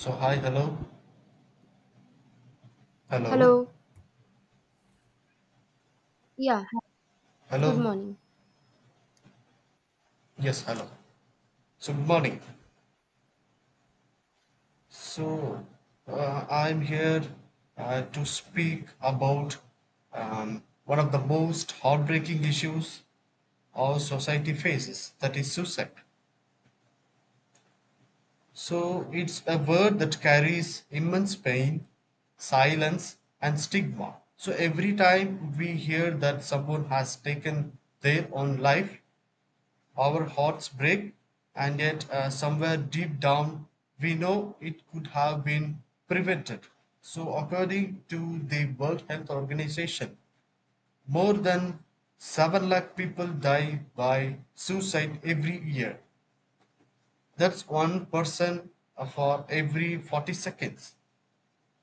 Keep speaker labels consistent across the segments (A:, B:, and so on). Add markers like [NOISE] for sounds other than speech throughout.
A: So hi, hello, hello,
B: Hello. Yeah.
A: hello.
B: Good morning.
A: Yes, hello. So good morning. So I'm here to speak about one of the most heartbreaking issues our society faces, that is suicide. So it's a word that carries immense pain, silence, and stigma. So every time we hear that someone has taken their own life, our hearts break, and yet somewhere deep down we know it could have been prevented. So, according to the World Health Organization, more than 7 lakh people die by suicide every year. That's one person, for every 40 seconds.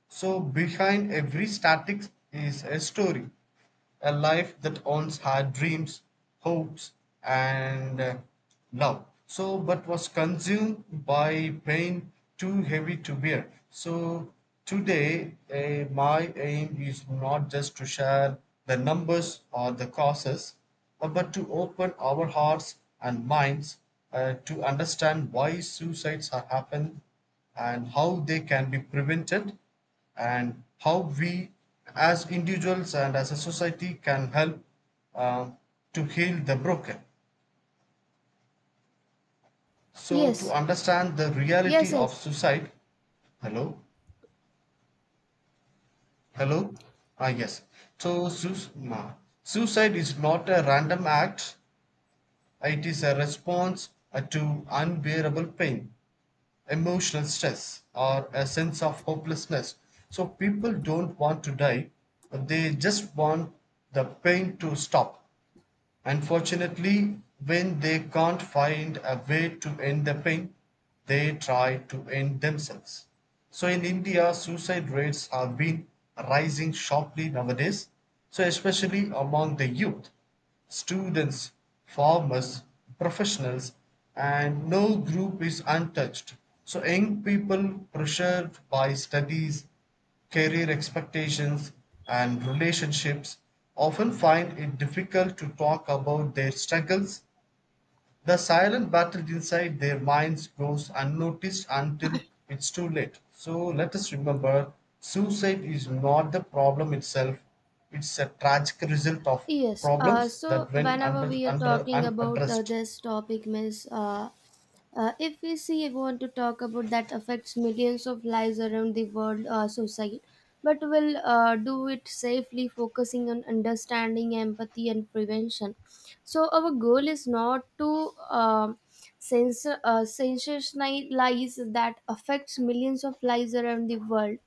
A: So, behind every static is a story, a life that owns her dreams, hopes, and love. So, but was consumed by pain too heavy to bear. So, today, my aim is not just to share the numbers or the causes, but to open our hearts and minds to understand why suicides are happen and how they can be prevented and how we as individuals and as a society can help uh, to heal the broken. So, to
B: Yes.
A: understand the
B: Yes.
A: reality of
B: Yes.
A: suicide, hello, hello, ah, yes. So, suicide is not a random act, it is a response to unbearable pain, emotional stress, or a sense of hopelessness. So, people don't want to die, they just want the pain to stop. Unfortunately, when they can't find a way to end the pain, they try to end themselves. So in India, suicide rates have been rising sharply nowadays, so especially among the youth, students, farmers, professionals, and no group is untouched. So young people pressured by studies, career expectations and relationships often find it difficult to talk about their struggles; the silent battle inside their minds goes unnoticed until it's too late. So let us remember suicide is not the problem itself, it's a tragic result of
B: Yes. Uh,
A: problems
B: so
A: that went
B: whenever we are
A: under
B: talking about
A: unaddressed.
B: this topic, Miss, if we see want to talk about that affects millions of lives around the world, society, but we'll do it safely, focusing on understanding, empathy, and prevention. So our goal is not to. Um sens sensationalize that affects millions of lives around the world.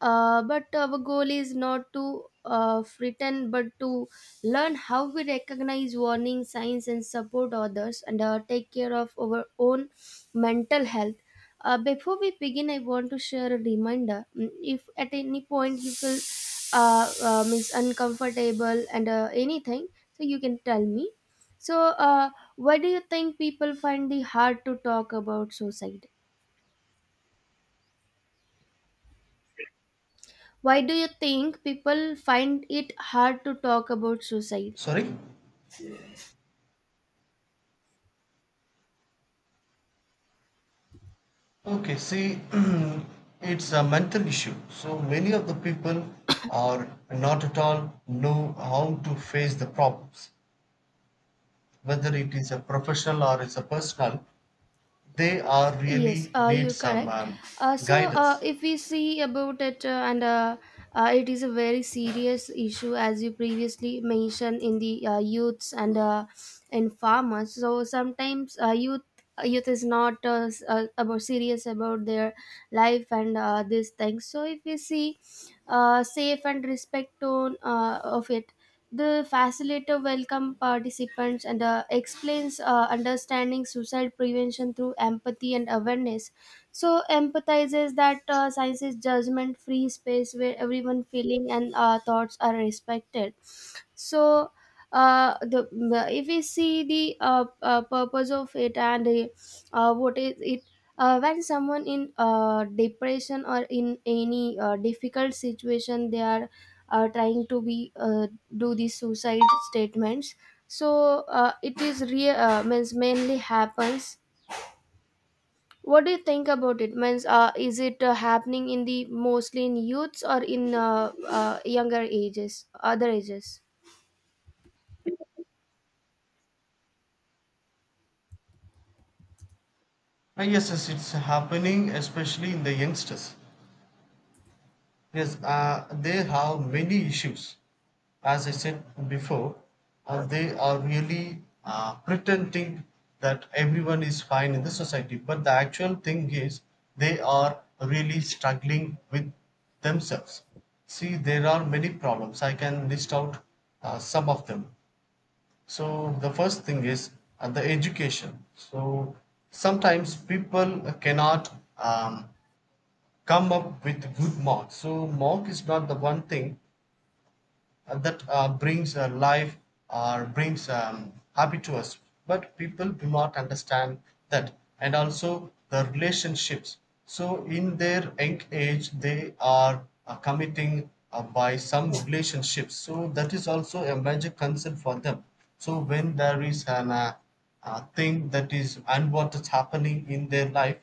B: But our goal is not to pretend but to learn how we recognize warning signs and support others, and take care of our own mental health. Before we begin, I want to share a reminder. Mm, if at any point you feel is uncomfortable and anything, so you can tell me. so uh, why do you think people find it hard to talk about suicide? Why do you think people find it hard to talk about suicide?
A: Sorry? Okay, see, [CLEARS THROAT] it's a mental issue. So many of the people are not at all know how to face the problems, whether it is a professional or it's a personal. They are
B: Yes,
A: really need
B: you're
A: some
B: correct.
A: guidance.
B: If we see about it, and it is a very serious issue, as you previously mentioned, in the youths and in farmers. So sometimes youth is not about serious about their life and these things. So if we see safe and respect tone of it. The facilitator welcomes participants and explains understanding suicide prevention through empathy and awareness. So empathizes that science is judgment-free space where everyone feeling and thoughts are respected. So the If we see the purpose of it, and what is it. When someone in depression or in any difficult situation, they are trying to be do these suicide statements. So it is real, means mainly happens. What do you think about it? Means is it happening in the mostly in youths or in younger ages, other ages?
A: Yes, yes, it's happening, especially in the youngsters. Yes, they have many issues. As I said before, they are really pretending that everyone is fine in the society. But the actual thing is, they are really struggling with themselves. See, there are many problems. I can list out some of them. So, the first thing is the education. So, sometimes people cannot come up with good marks. So mark is not the one thing that brings life or brings happy to us, but people do not understand that, and also the relationships. So in their young age, they are committing by some relationships. So that is also a major concern for them. So when there is an thing that is unwanted happening in their life,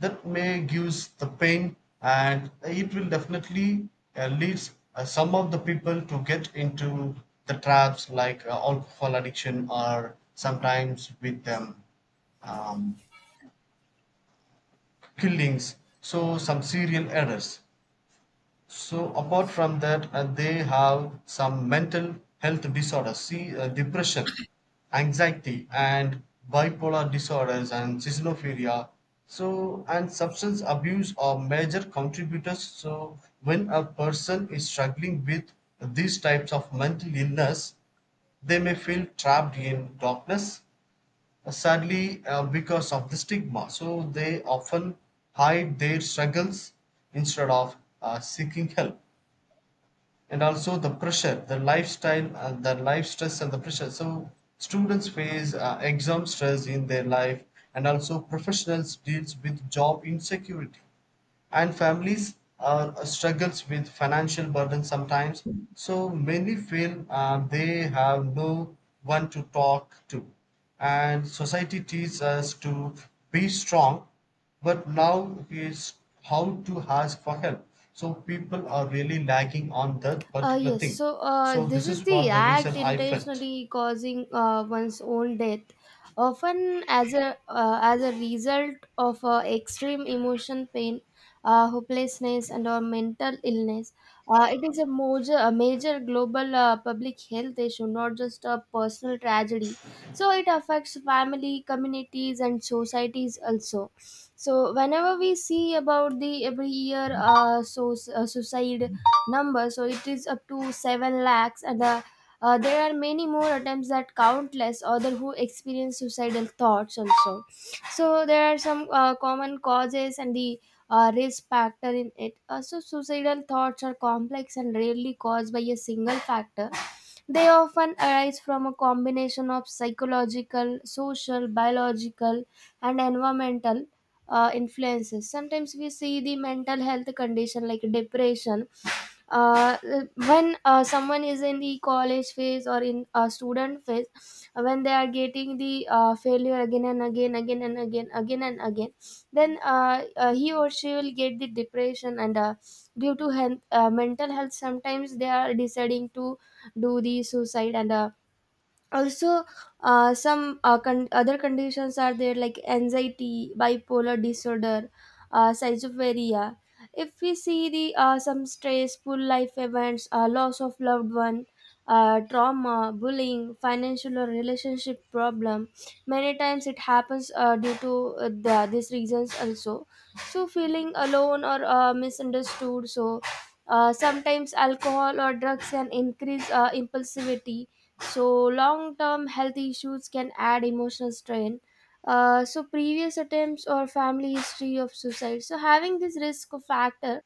A: that may gives the pain and it will definitely leads some of the people to get into the traps like alcohol addiction or sometimes with um, killings, so some serial errors. So apart from that, they have some mental health disorders, see depression, anxiety, and bipolar disorders and schizophrenia. So and substance abuse are major contributors. So when a person is struggling with these types of mental illness, they may feel trapped in darkness, sadly because of the stigma, so they often hide their struggles instead of seeking help, and also the pressure, the lifestyle and the life stress and the pressure. So students face exam stress in their life, and also professionals deals with job insecurity and families are struggles with financial burden sometimes. So many feel they have no one to talk to, and society teaches us to be strong but now is how to ask for help, so people are really lagging on that particular thing. So
B: This
A: this
B: is
A: is
B: the
A: what the reason
B: act
A: I felt
B: intentionally causing one's own death, often as a result of extreme emotion, pain, hopelessness, and or mental illness. It is a major global public health issue, not just a personal tragedy. So it affects family, communities, and societies also. So whenever we see about the every year, suicide number, so it is up to 7 lakhs, and there are many more attempts that countless other who experience suicidal thoughts also. So there are some common causes, and the risk factor in it also. Suicidal thoughts are complex and rarely caused by a single factor. They often arise from a combination of psychological, social, biological, and environmental influences. Sometimes we see the mental health condition like depression. uh, when someone is in the college phase or in a student phase, when they are getting the failure again and again again and again again and again, then he or she will get the depression, and due to health, mental health, sometimes they are deciding to do the suicide, and also some con- other conditions are there like anxiety, bipolar disorder, schizophrenia. If we see the some stressful life events, loss of loved one, trauma, bullying, financial or relationship problem, many times it happens due to these reasons also. So feeling alone or misunderstood. So sometimes alcohol or drugs can increase impulsivity. So long term health issues can add emotional strain. Previous attempts or family history of suicide. So having this risk of factor.